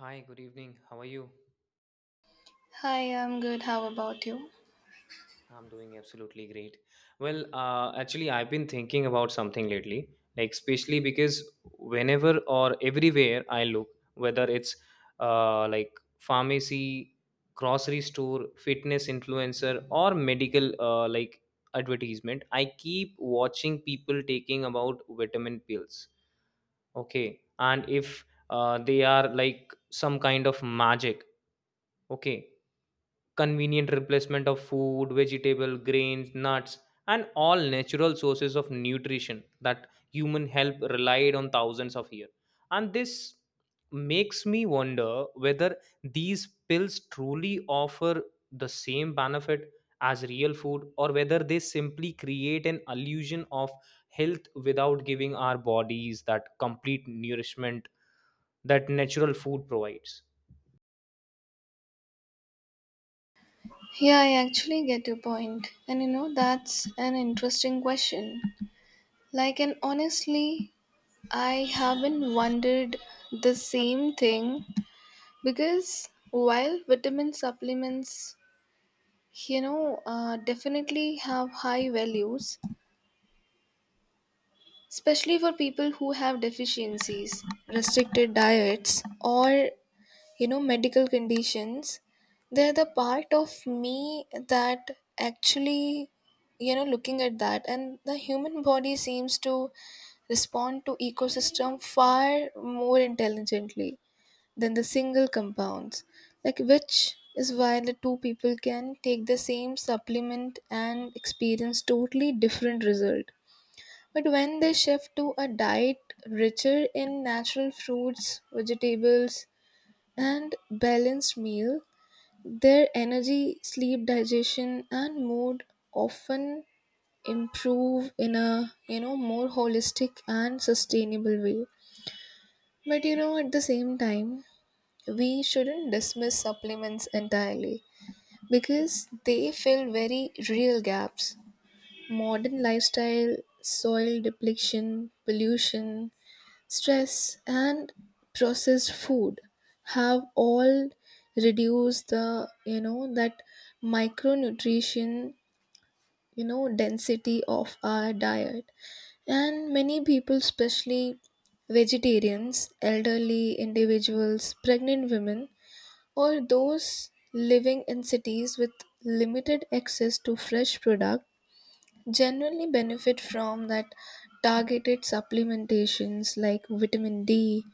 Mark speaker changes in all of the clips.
Speaker 1: Hi, good evening. How are you?
Speaker 2: Hi, I'm good. How about you?
Speaker 1: I'm doing absolutely great. Well, actually, I've been thinking about something lately, like especially because whenever or everywhere I look, whether it's like pharmacy, grocery store, fitness influencer, or medical like advertisement, I keep watching people taking about vitamin pills. Okay, and if they are like some kind of magic. Okay, convenient replacement of food, vegetable, grains, nuts, and all natural sources of nutrition that human help relied on thousands of years. And this makes me wonder whether these pills truly offer the same benefit as real food or whether they simply create an illusion of health without giving our bodies that complete nourishment that natural food provides.
Speaker 2: Yeah, I actually get your point. And you know, that's an interesting question. And honestly, I haven't wondered the same thing because while vitamin supplements, definitely have high values, especially for people who have deficiencies, restricted diets, or you know medical conditions. They're the part of me that actually, you know, looking at that, and the human body seems to respond to ecosystem far more intelligently than the single compounds, like which is why the two people can take the same supplement and experience totally different result. But when they shift to a diet richer in natural fruits, vegetables, and balanced meal, their energy, sleep, digestion, and mood often improve in a, you know, more holistic and sustainable way. But you know, at the same time, we shouldn't dismiss supplements entirely because they fill very real gaps. Modern lifestyle, soil depletion, pollution, stress, and processed food have all reduced the, you know, that micronutrition, you know, density of our diet. And many people, especially vegetarians, elderly individuals, pregnant women, or those living in cities with limited access to fresh product genuinely benefit from that targeted supplementations like vitamin D,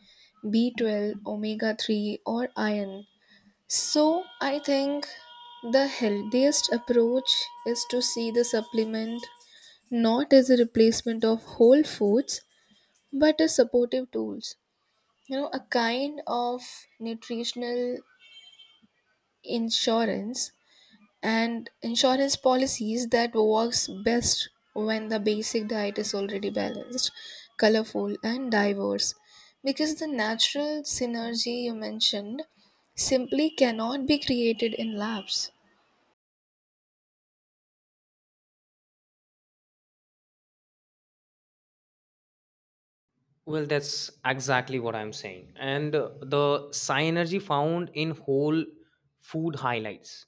Speaker 2: B12, omega 3, or iron. So, I think the healthiest approach is to see the supplement not as a replacement of whole foods but as supportive tools. You know, a kind of nutritional insurance and insurance policies that works best when the basic diet is already balanced, colorful, and diverse, because the natural synergy you mentioned simply cannot be created in labs.
Speaker 1: Well, that's exactly what I'm saying. And the synergy found in whole food highlights.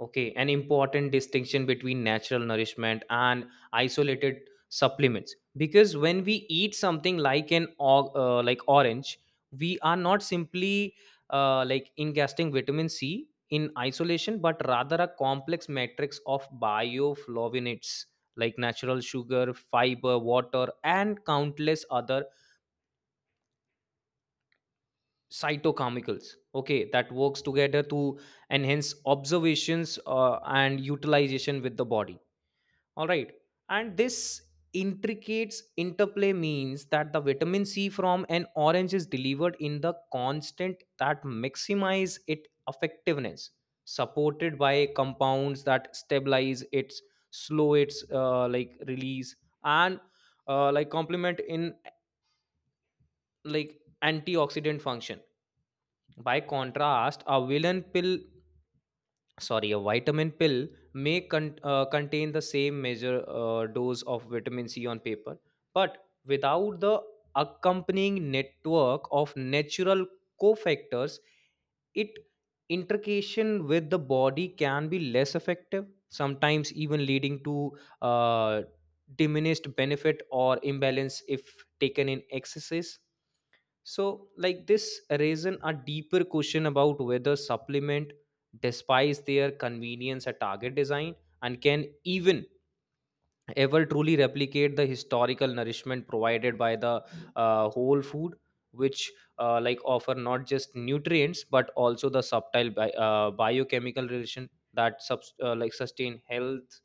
Speaker 1: Okay, an important distinction between natural nourishment and isolated supplements. Because when we eat something like an orange, we are not simply like ingesting vitamin C in isolation, but rather a complex matrix of bioflavonoids like natural sugar, fiber, water, and countless other cytochemicals, okay, that works together to enhance observations and utilization with the body, all right, and this intricate interplay means that the vitamin C from an orange is delivered in the constant that maximize its effectiveness, supported by compounds that stabilize its, slow its release and complement in like antioxidant function. By contrast, a vitamin pill may contain the same measure dose of vitamin C on paper, but without the accompanying network of natural cofactors, it intrication with the body can be less effective, sometimes even leading to uh, diminished benefit or imbalance if taken in excesses. So, like, this raises a deeper question about whether supplement despise their convenience at target design and can even ever truly replicate the historical nourishment provided by the whole food, which offer not just nutrients but also the subtle biochemical relation that sustain health.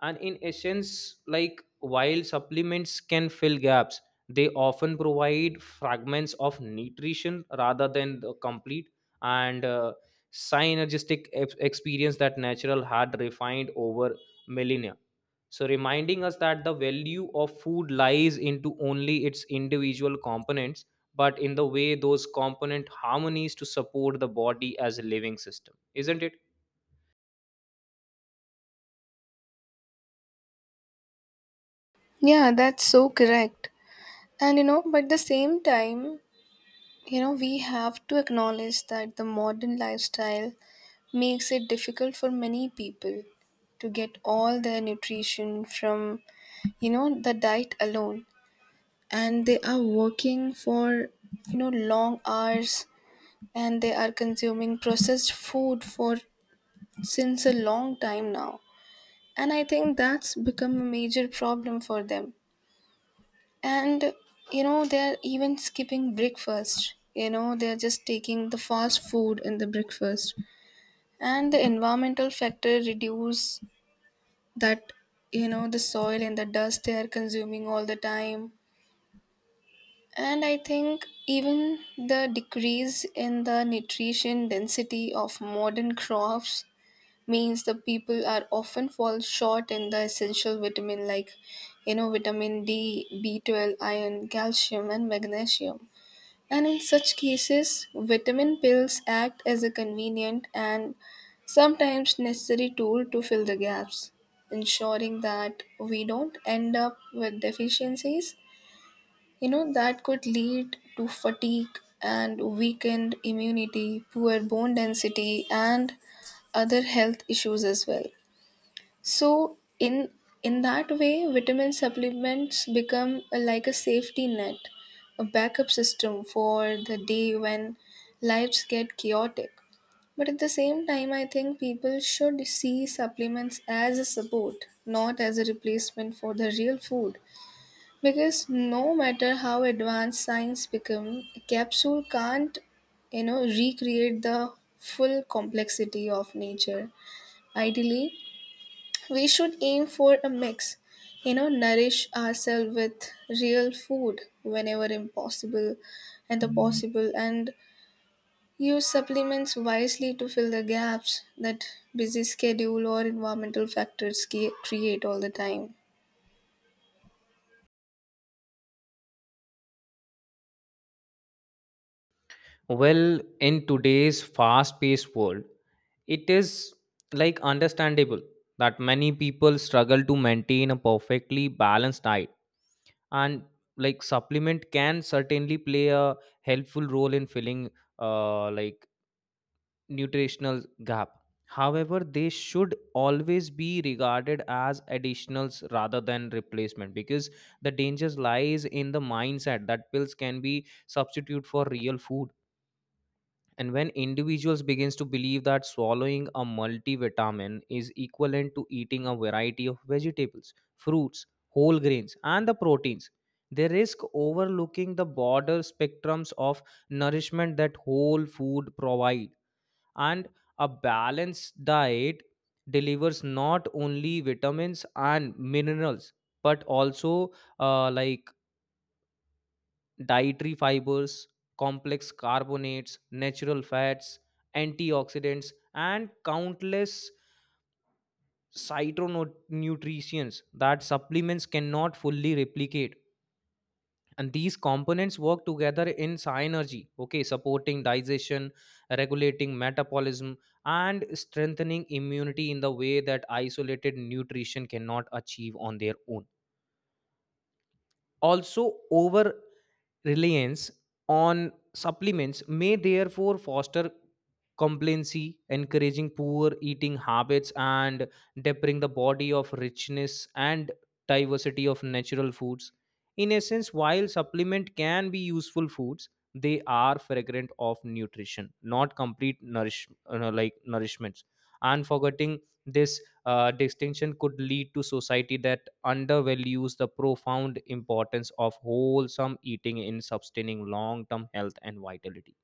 Speaker 1: And in essence, like, while supplements can fill gaps, they often provide fragments of nutrition rather than the complete and synergistic experience that natural had refined over millennia, so reminding us that the value of food lies into only its individual components but in the way those component harmonies to support the body as a living system, isn't it?
Speaker 2: Yeah, that's so correct. And you know, but the same time, you know, we have to acknowledge that the modern lifestyle makes it difficult for many people to get all their nutrition from, you know, the diet alone. And they are working for, you know, long hours, and they are consuming processed food for since a long time now, and I think that's become a major problem for them. And you know they're even skipping breakfast. You know, they're just taking the fast food in the breakfast. And the environmental factor reduce that, you know, the soil and the dust they are consuming all the time. And I think even the decrease in the nutrition density of modern crops means the people are often fall short in the essential vitamin like, you know, vitamin D, B12, iron, calcium, and magnesium. And in such cases, vitamin pills act as a convenient and sometimes necessary tool to fill the gaps, ensuring that we don't end up with deficiencies, you know, that could lead to fatigue and weakened immunity, poor bone density, and other health issues as well. So, in that way, vitamin supplements become like a safety net, a backup system for the day when lives get chaotic. But at the same time, I think people should see supplements as a support, not as a replacement for the real food. Because no matter how advanced science become, a capsule can't, you know, recreate the full complexity of nature. Ideally, we should aim for a mix. You know, nourish ourselves with real food whenever impossible and the possible, and use supplements wisely to fill the gaps that busy schedule or environmental factors create all the time.
Speaker 1: Well, in today's fast paced world, it is, like, understandable that many people struggle to maintain a perfectly balanced diet, and, like, supplement can certainly play a helpful role in filling uh, like nutritional gap. However, they should always be regarded as additionals rather than replacement, because the dangers lies in the mindset that pills can be substitute for real food. And when individuals begins to believe that swallowing a multivitamin is equivalent to eating a variety of vegetables, fruits, whole grains, and the proteins, they risk overlooking the broader spectrums of nourishment that whole food provide. And a balanced diet delivers not only vitamins and minerals but also uh, like dietary fibers, complex carbonates, natural fats, antioxidants, and countless cytonutrients that supplements cannot fully replicate. And these components work together in synergy, okay, supporting digestion, regulating metabolism, and strengthening immunity in the way that isolated nutrition cannot achieve on their own. Also, over reliance on supplements may therefore foster complacency, encouraging poor eating habits and depriving the body of richness and diversity of natural foods. In essence, while supplement can be useful foods, they are fragrant of nutrition, not complete nourishments. And forgetting this distinction could lead to society that undervalues the profound importance of wholesome eating in sustaining long-term health and vitality.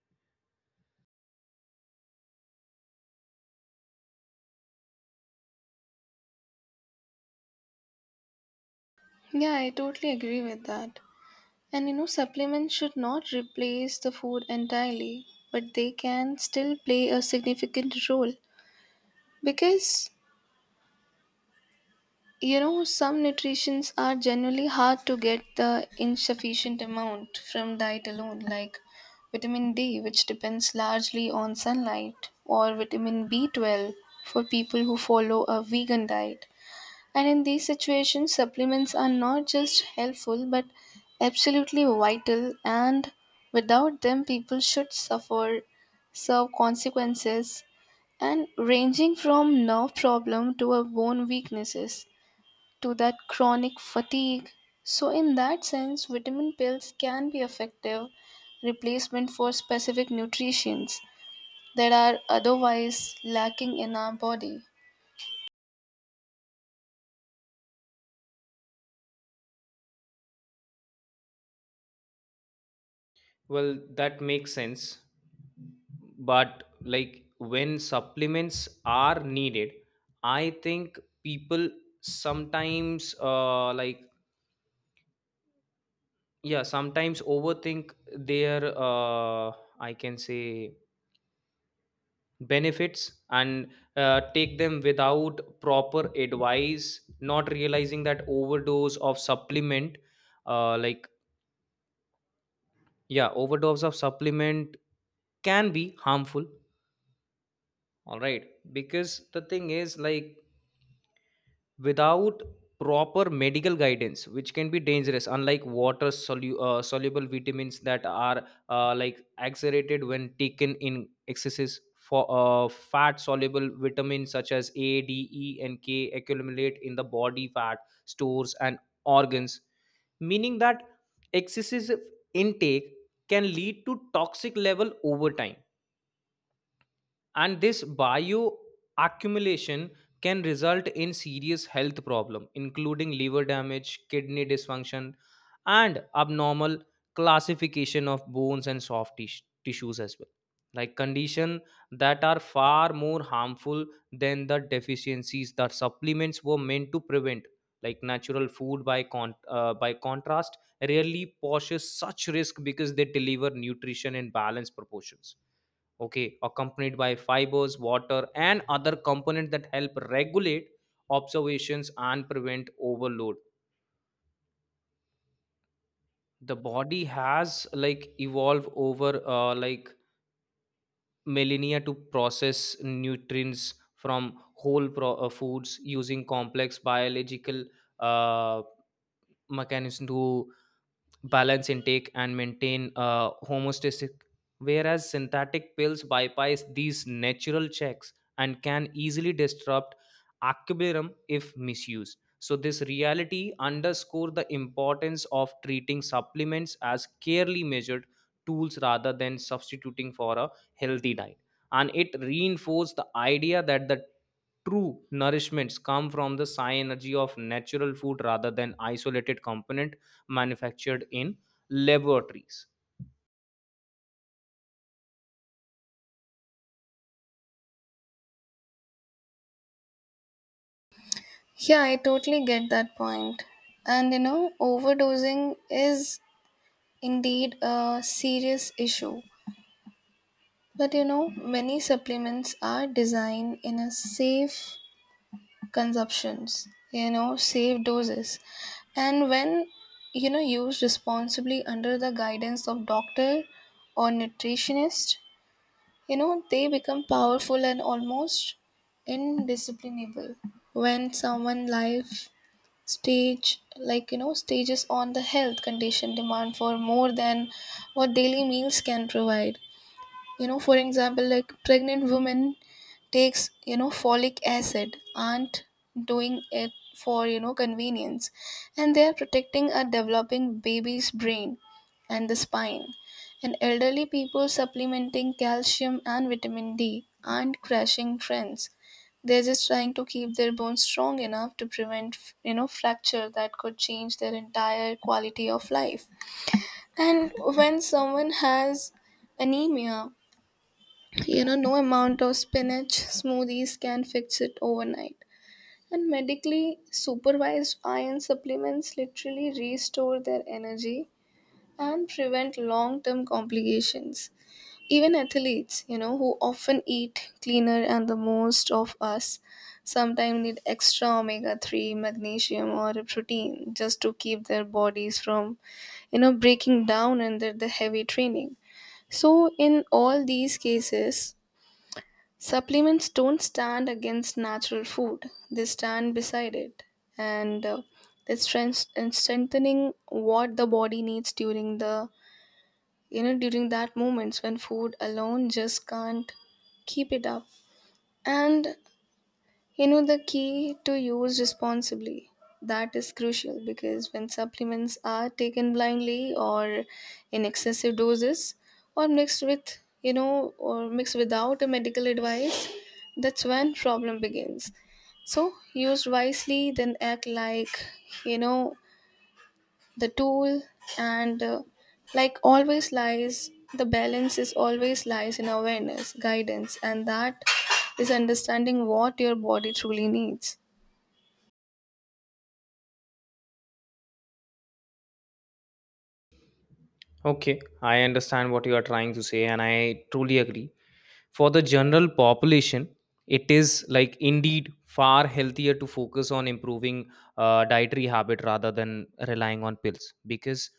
Speaker 2: Yeah, I totally agree with that. And you know, supplements should not replace the food entirely, but they can still play a significant role because, you know, some nutritions are generally hard to get the insufficient amount from diet alone, like vitamin D, which depends largely on sunlight, or vitamin B12 for people who follow a vegan diet. And in these situations, supplements are not just helpful but absolutely vital, and without them, people should suffer serve consequences, and ranging from nerve problem to a bone weaknesses to that chronic fatigue. So in that sense, vitamin pills can be effective replacement for specific nutrients that are otherwise lacking in our body.
Speaker 1: Well, that makes sense. But, like, when supplements are needed, I think people sometimes, yeah, sometimes overthink their, I can say, benefits, and take them without proper advice, not realizing that overdose of supplement, uh, like yeah, overdose of supplement can be harmful. All right, because the thing is, like, without proper medical guidance, which can be dangerous, unlike water soluble vitamins that are accelerated when taken in excesses, for fat soluble vitamins such as A, D, E, and K accumulate in the body fat stores and organs, meaning that excessive intake can lead to toxic level over time. And this bioaccumulation can result in serious health problem, including liver damage, kidney dysfunction, and abnormal classification of bones and soft tissues as well, like condition that are far more harmful than the deficiencies that supplements were meant to prevent. Like, natural food, by by contrast, rarely poses such risk because they deliver nutrition in balanced proportions, okay, accompanied by fibers, water, and other components that help regulate observations and prevent overload. The body has, like, evolved over millennia to process nutrients from whole foods using complex biological uh, mechanism to balance intake and maintain homeostasis, whereas synthetic pills bypass these natural checks and can easily disrupt equilibrium if misused. So this reality underscore the importance of treating supplements as carefully measured tools rather than substituting for a healthy diet, and it reinforced the idea that the true nourishments come from the synergy of natural food rather than isolated component manufactured in laboratories.
Speaker 2: Yeah, I totally get that point. And you know, overdosing is indeed a serious issue. But you know, many supplements are designed in a safe consumptions, you know, safe doses. And when, you know, used responsibly under the guidance of doctor or nutritionist, you know, they become powerful and almost indisciplinable. When someone life stage, like you know, stages on the health condition demand for more than what daily meals can provide, you know, for example, like pregnant women takes, you know, folic acid aren't doing it for, you know, convenience, and they are protecting a developing baby's brain and the spine. And elderly people supplementing calcium and vitamin D aren't crashing trends. They're just trying to keep their bones strong enough to prevent, you know, fracture that could change their entire quality of life. And when someone has anemia, you know, no amount of spinach smoothies can fix it overnight. And medically supervised iron supplements literally restore their energy and prevent long term complications. Even athletes, you know, who often eat cleaner and the most of us, sometimes need extra omega 3, magnesium, or protein just to keep their bodies from, you know, breaking down under the heavy training. So, in all these cases, supplements don't stand against natural food, they stand beside it. And uh, and strengthening what the body needs during the, you know, during that moments when food alone just can't keep it up. And, you know, the key to use responsibly. That is crucial because when supplements are taken blindly or in excessive doses or mixed with, you know, or mixed without a medical advice, that's when problem begins. So use wisely, then act like, you know, the tool. And Like always lies the balance is always lies in awareness, guidance, and that is understanding what your body truly needs.
Speaker 1: Okay, I understand what you are trying to say, and I truly agree. For the general population, it is, like, indeed far healthier to focus on improving dietary habit rather than relying on pills, because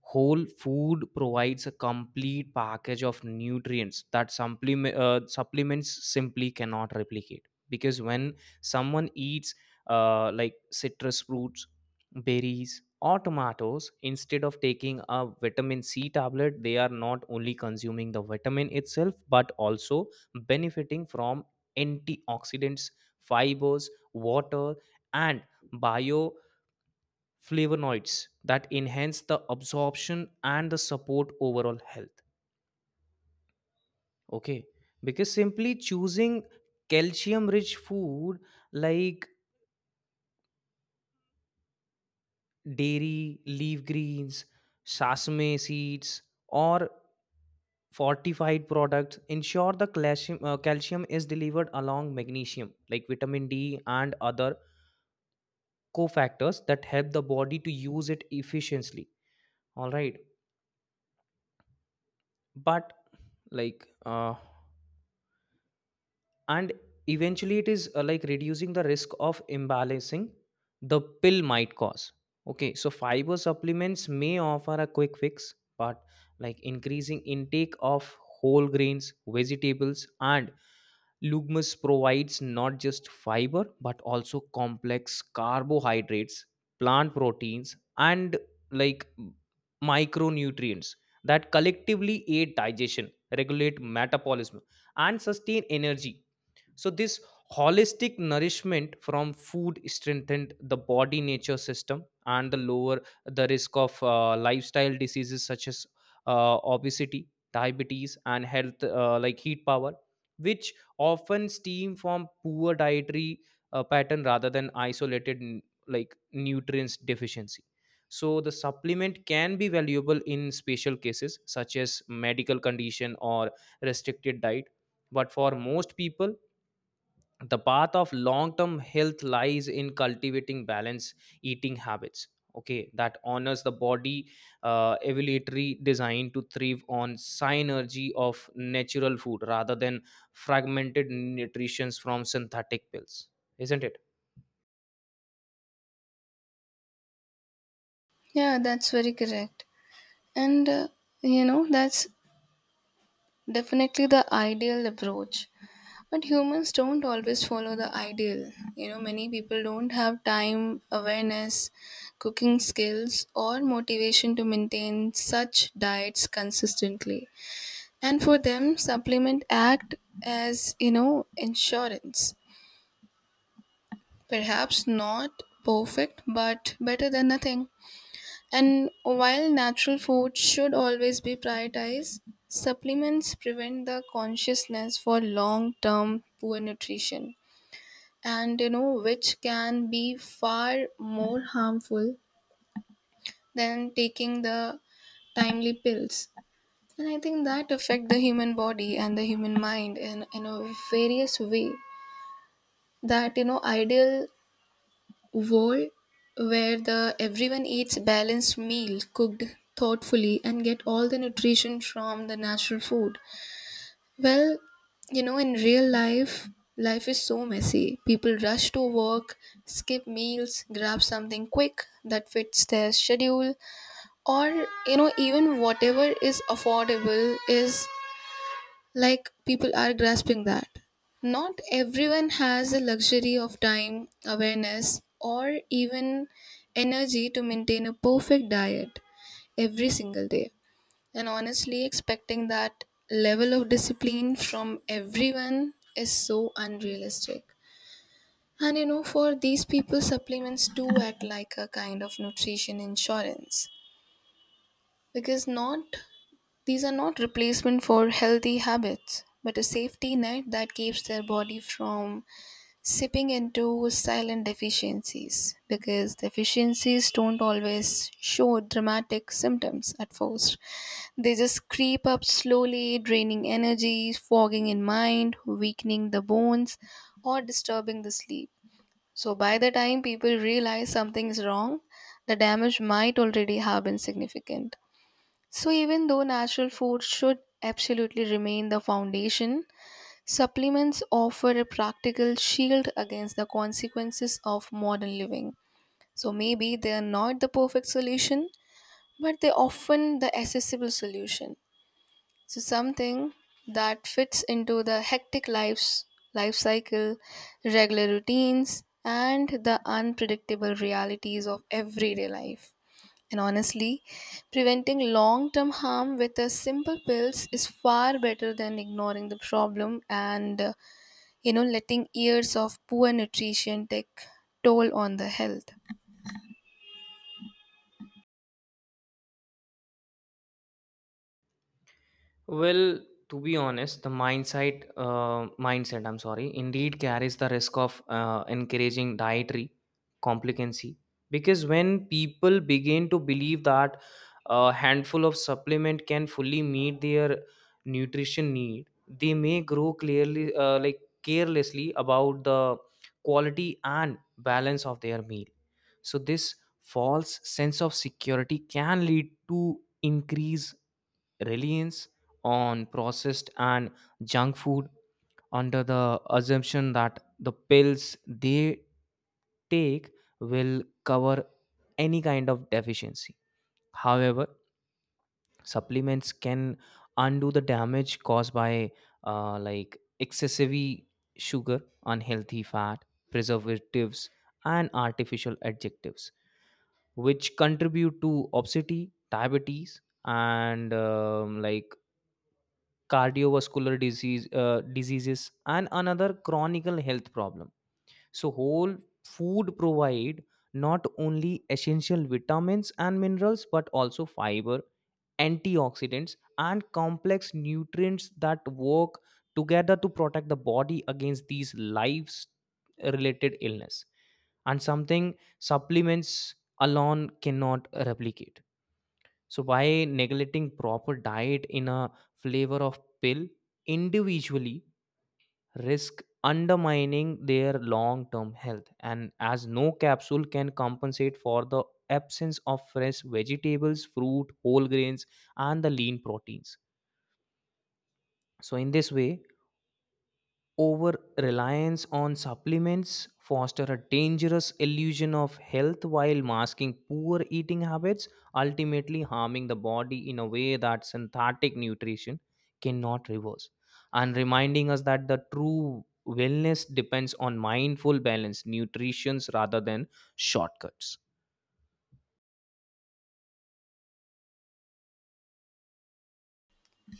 Speaker 1: whole food provides a complete package of nutrients that supplements simply cannot replicate. Because when someone eats citrus fruits, berries, or tomatoes instead of taking a vitamin C tablet, they are not only consuming the vitamin itself but also benefiting from antioxidants, fibers, water, and bio flavonoids that enhance the absorption and the support overall health. Okay, because simply choosing calcium rich food like dairy, leaf greens, sesame seeds, or fortified products ensure the calcium is delivered along magnesium, like vitamin D and other cofactors that help the body to use it efficiently, all right? But, like uh, and eventually it is, like reducing the risk of imbalancing the pill might cause. Okay, so fiber supplements may offer a quick fix, but, like, increasing intake of whole grains, vegetables, and legumes provides not just fiber but also complex carbohydrates, plant proteins, and, like, micronutrients that collectively aid digestion, regulate metabolism, and sustain energy. So this holistic nourishment from food strengthened the body nature system and the lower the risk of lifestyle diseases such as obesity, diabetes, and health like heat power, which often stem from poor dietary pattern rather than isolated nutrients deficiency. So the supplement can be valuable in special cases such as medical condition or restricted diet. But for most people, the path of long term health lies in cultivating balanced eating habits, okay, that honors the body evolutionary design to thrive on synergy of natural food rather than fragmented nutritions from synthetic pills, isn't it?
Speaker 2: Yeah, that's very correct. And You know, that's definitely the ideal approach, but humans don't always follow the ideal. You know, many people don't have time, awareness, cooking skills, or motivation to maintain such diets consistently. And for them, supplement act as, you know, insurance. Perhaps not perfect, but better than nothing. And while natural food should always be prioritized, supplements prevent the consciousness for long term poor nutrition. And, you know, which can be far more harmful than taking the timely pills. And I think that affect the human body and the human mind in, a various way. That, you know, ideal world where the everyone eats balanced meal cooked thoughtfully and get all the nutrition from the natural food. Well, you know, in real life, is so messy. People rush to work, skip meals, grab something quick that fits their schedule, or, you know, even whatever is affordable is like people are grasping that. Not everyone has the luxury of time, awareness, or even energy to maintain a perfect diet every single day. And honestly, expecting that level of discipline from everyone is so unrealistic. And you know, for these people, supplements do act like a kind of nutrition insurance because not these are not replacement for healthy habits, but a safety net that keeps their body from sipping into silent deficiencies, because deficiencies don't always show dramatic symptoms at first. They just creep up slowly, draining energy, fogging in mind, weakening the bones, or disturbing the sleep. So by the time people realize something is wrong, the damage might already have been significant. So, even though natural food should absolutely remain the foundation, supplements offer a practical shield against the consequences of modern living. So, maybe they are not the perfect solution, but they often the accessible solution. So, something that fits into the hectic lives, life cycle, regular routines, and the unpredictable realities of everyday life. And honestly, preventing long term harm with a simple pills is far better than ignoring the problem, and you know, letting years of poor nutrition take toll on the health.
Speaker 1: Well, to be honest, the mindset, indeed carries the risk of encouraging dietary complicancy, because when people begin to believe that a handful of supplement can fully meet their nutrition need, they may grow clearly, like carelessly about the quality and balance of their meal. So this false sense of security can lead to increase reliance on processed and junk food under the assumption that the pills they take will cover any kind of deficiency. However, supplements can undo the damage caused by excessive sugar, unhealthy fat, preservatives, and artificial adjectives, which contribute to obesity, diabetes, and cardiovascular disease diseases and another chronic health problem. So whole food provide not only essential vitamins and minerals but also fiber, antioxidants, and complex nutrients that work together to protect the body against these lives related illness, and something supplements alone cannot replicate. So by neglecting proper diet in a flavor of pill, individually risk undermining their long-term health, and as no capsule can compensate for the absence of fresh vegetables, fruit, whole grains, and the lean proteins. So in this way, over reliance on supplements foster a dangerous illusion of health while masking poor eating habits, ultimately harming the body in a way that synthetic nutrition cannot reverse, and reminding us that the true wellness depends on mindful balance nutritions rather than shortcuts.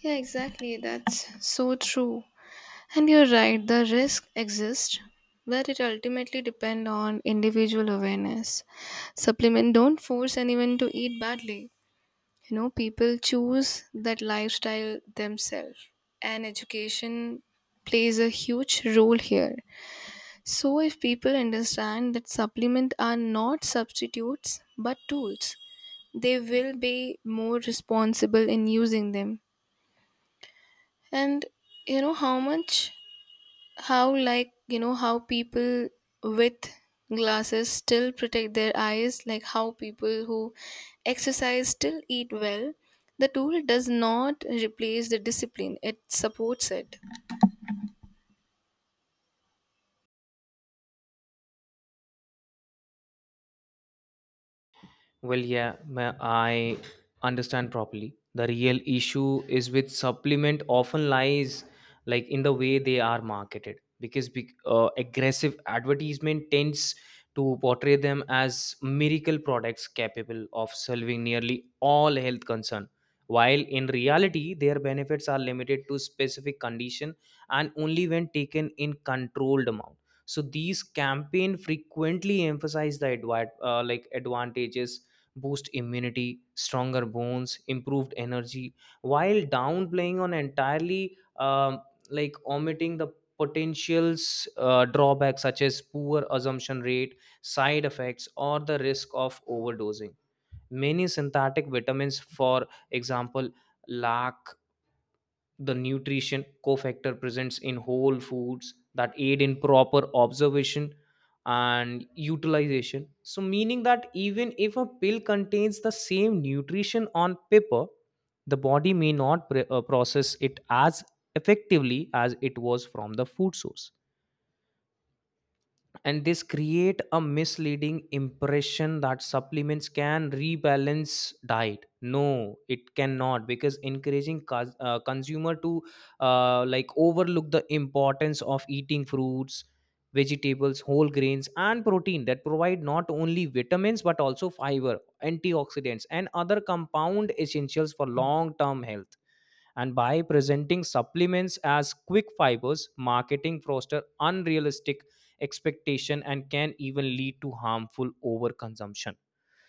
Speaker 2: Yeah, exactly. That's so true. And you're right, the risk exists, but it ultimately depends on individual awareness. Supplement don't force anyone to eat badly. You know, people choose that lifestyle themselves. And education plays a huge role here. So if people understand that supplements are not substitutes but tools, they will be more responsible in using them. And, you know, how much, how, like you know, how people with glasses still protect their eyes, like how people who exercise still eat well, the tool does not replace the discipline, it supports it.
Speaker 1: Well, yeah, I understand properly. The real issue is with supplement often lies, like, in the way they are marketed, because big aggressive advertisement tends to portray them as miracle products capable of solving nearly all health concern, while in reality their benefits are limited to specific condition and only when taken in controlled amount. So these campaign frequently emphasize the advantages: boost immunity, stronger bones, improved energy, while downplaying on entirely omitting the potentials drawbacks such as poor assumption rate, side effects, or the risk of overdosing. Many synthetic vitamins, for example, lack the nutrition cofactor presents in whole foods that aid in proper observation and utilization, so meaning that even if a pill contains the same nutrition on paper, the body may not process it as effectively as it was from the food source. And this create a misleading impression that supplements can rebalance diet. No, it cannot, because encouraging consumer to overlook the importance of eating fruits, vegetables, whole grains, and protein that provide not only vitamins but also fiber, antioxidants, and other compound essentials for long term health. And by presenting supplements as quick fibers, marketing foster unrealistic expectation and can even lead to harmful overconsumption,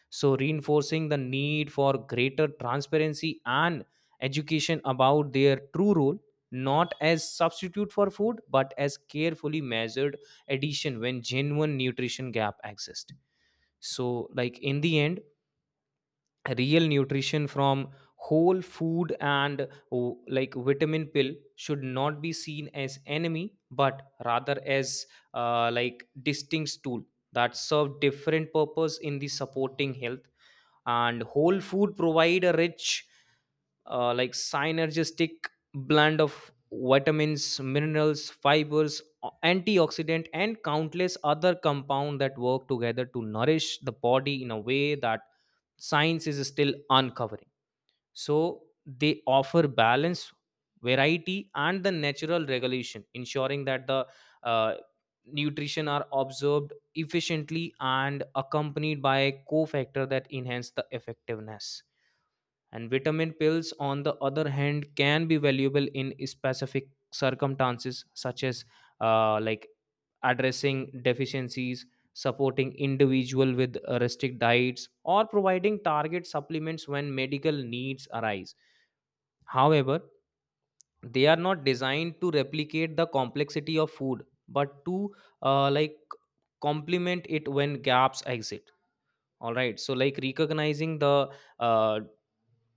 Speaker 1: so reinforcing the need for greater transparency and education about their true role, not as substitute for food but as carefully measured addition when genuine nutrition gap exists. So, like, in the end, real nutrition from whole food and vitamin pill should not be seen as enemy but rather as distinct tool that serve different purpose in the supporting health. And whole food provide a rich, synergistic blend of vitamins, minerals, fibers, antioxidant, and countless other compound that work together to nourish the body in a way that science is still uncovering. So they offer balance, variety, and the natural regulation, ensuring that the uh, nutrition are observed efficiently and accompanied by a cofactor that enhance the effectiveness. And vitamin pills, on the other hand, can be valuable in specific circumstances, such as uh, like addressing deficiencies, supporting individual with restrict diets, or providing target supplements when medical needs arise. However, they are not designed to replicate the complexity of food, but to uh, like complement it when gaps exist, all right. So, like, recognizing the uh,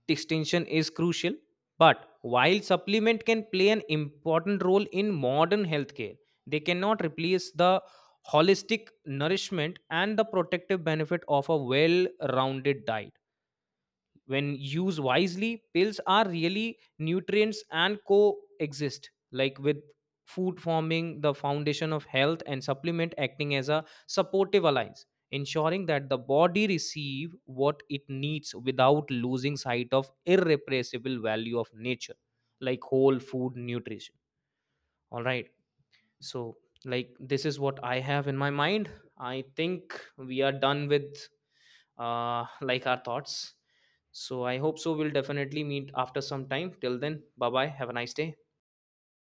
Speaker 1: distinction is crucial, but while supplement can play an important role in modern healthcare, they cannot replace the holistic nourishment and the protective benefit of a well-rounded diet. When used wisely, pills are really nutrients and coexist, like, with food, forming the foundation of health and supplement acting as a supportive alliance, ensuring that the body receive what it needs without losing sight of irrepressible value of nature, like whole food nutrition, all right. So, like, this is what I have in my mind. I think we are done with our thoughts. So I hope so we'll definitely meet after some time. Till then, bye bye, have a nice day.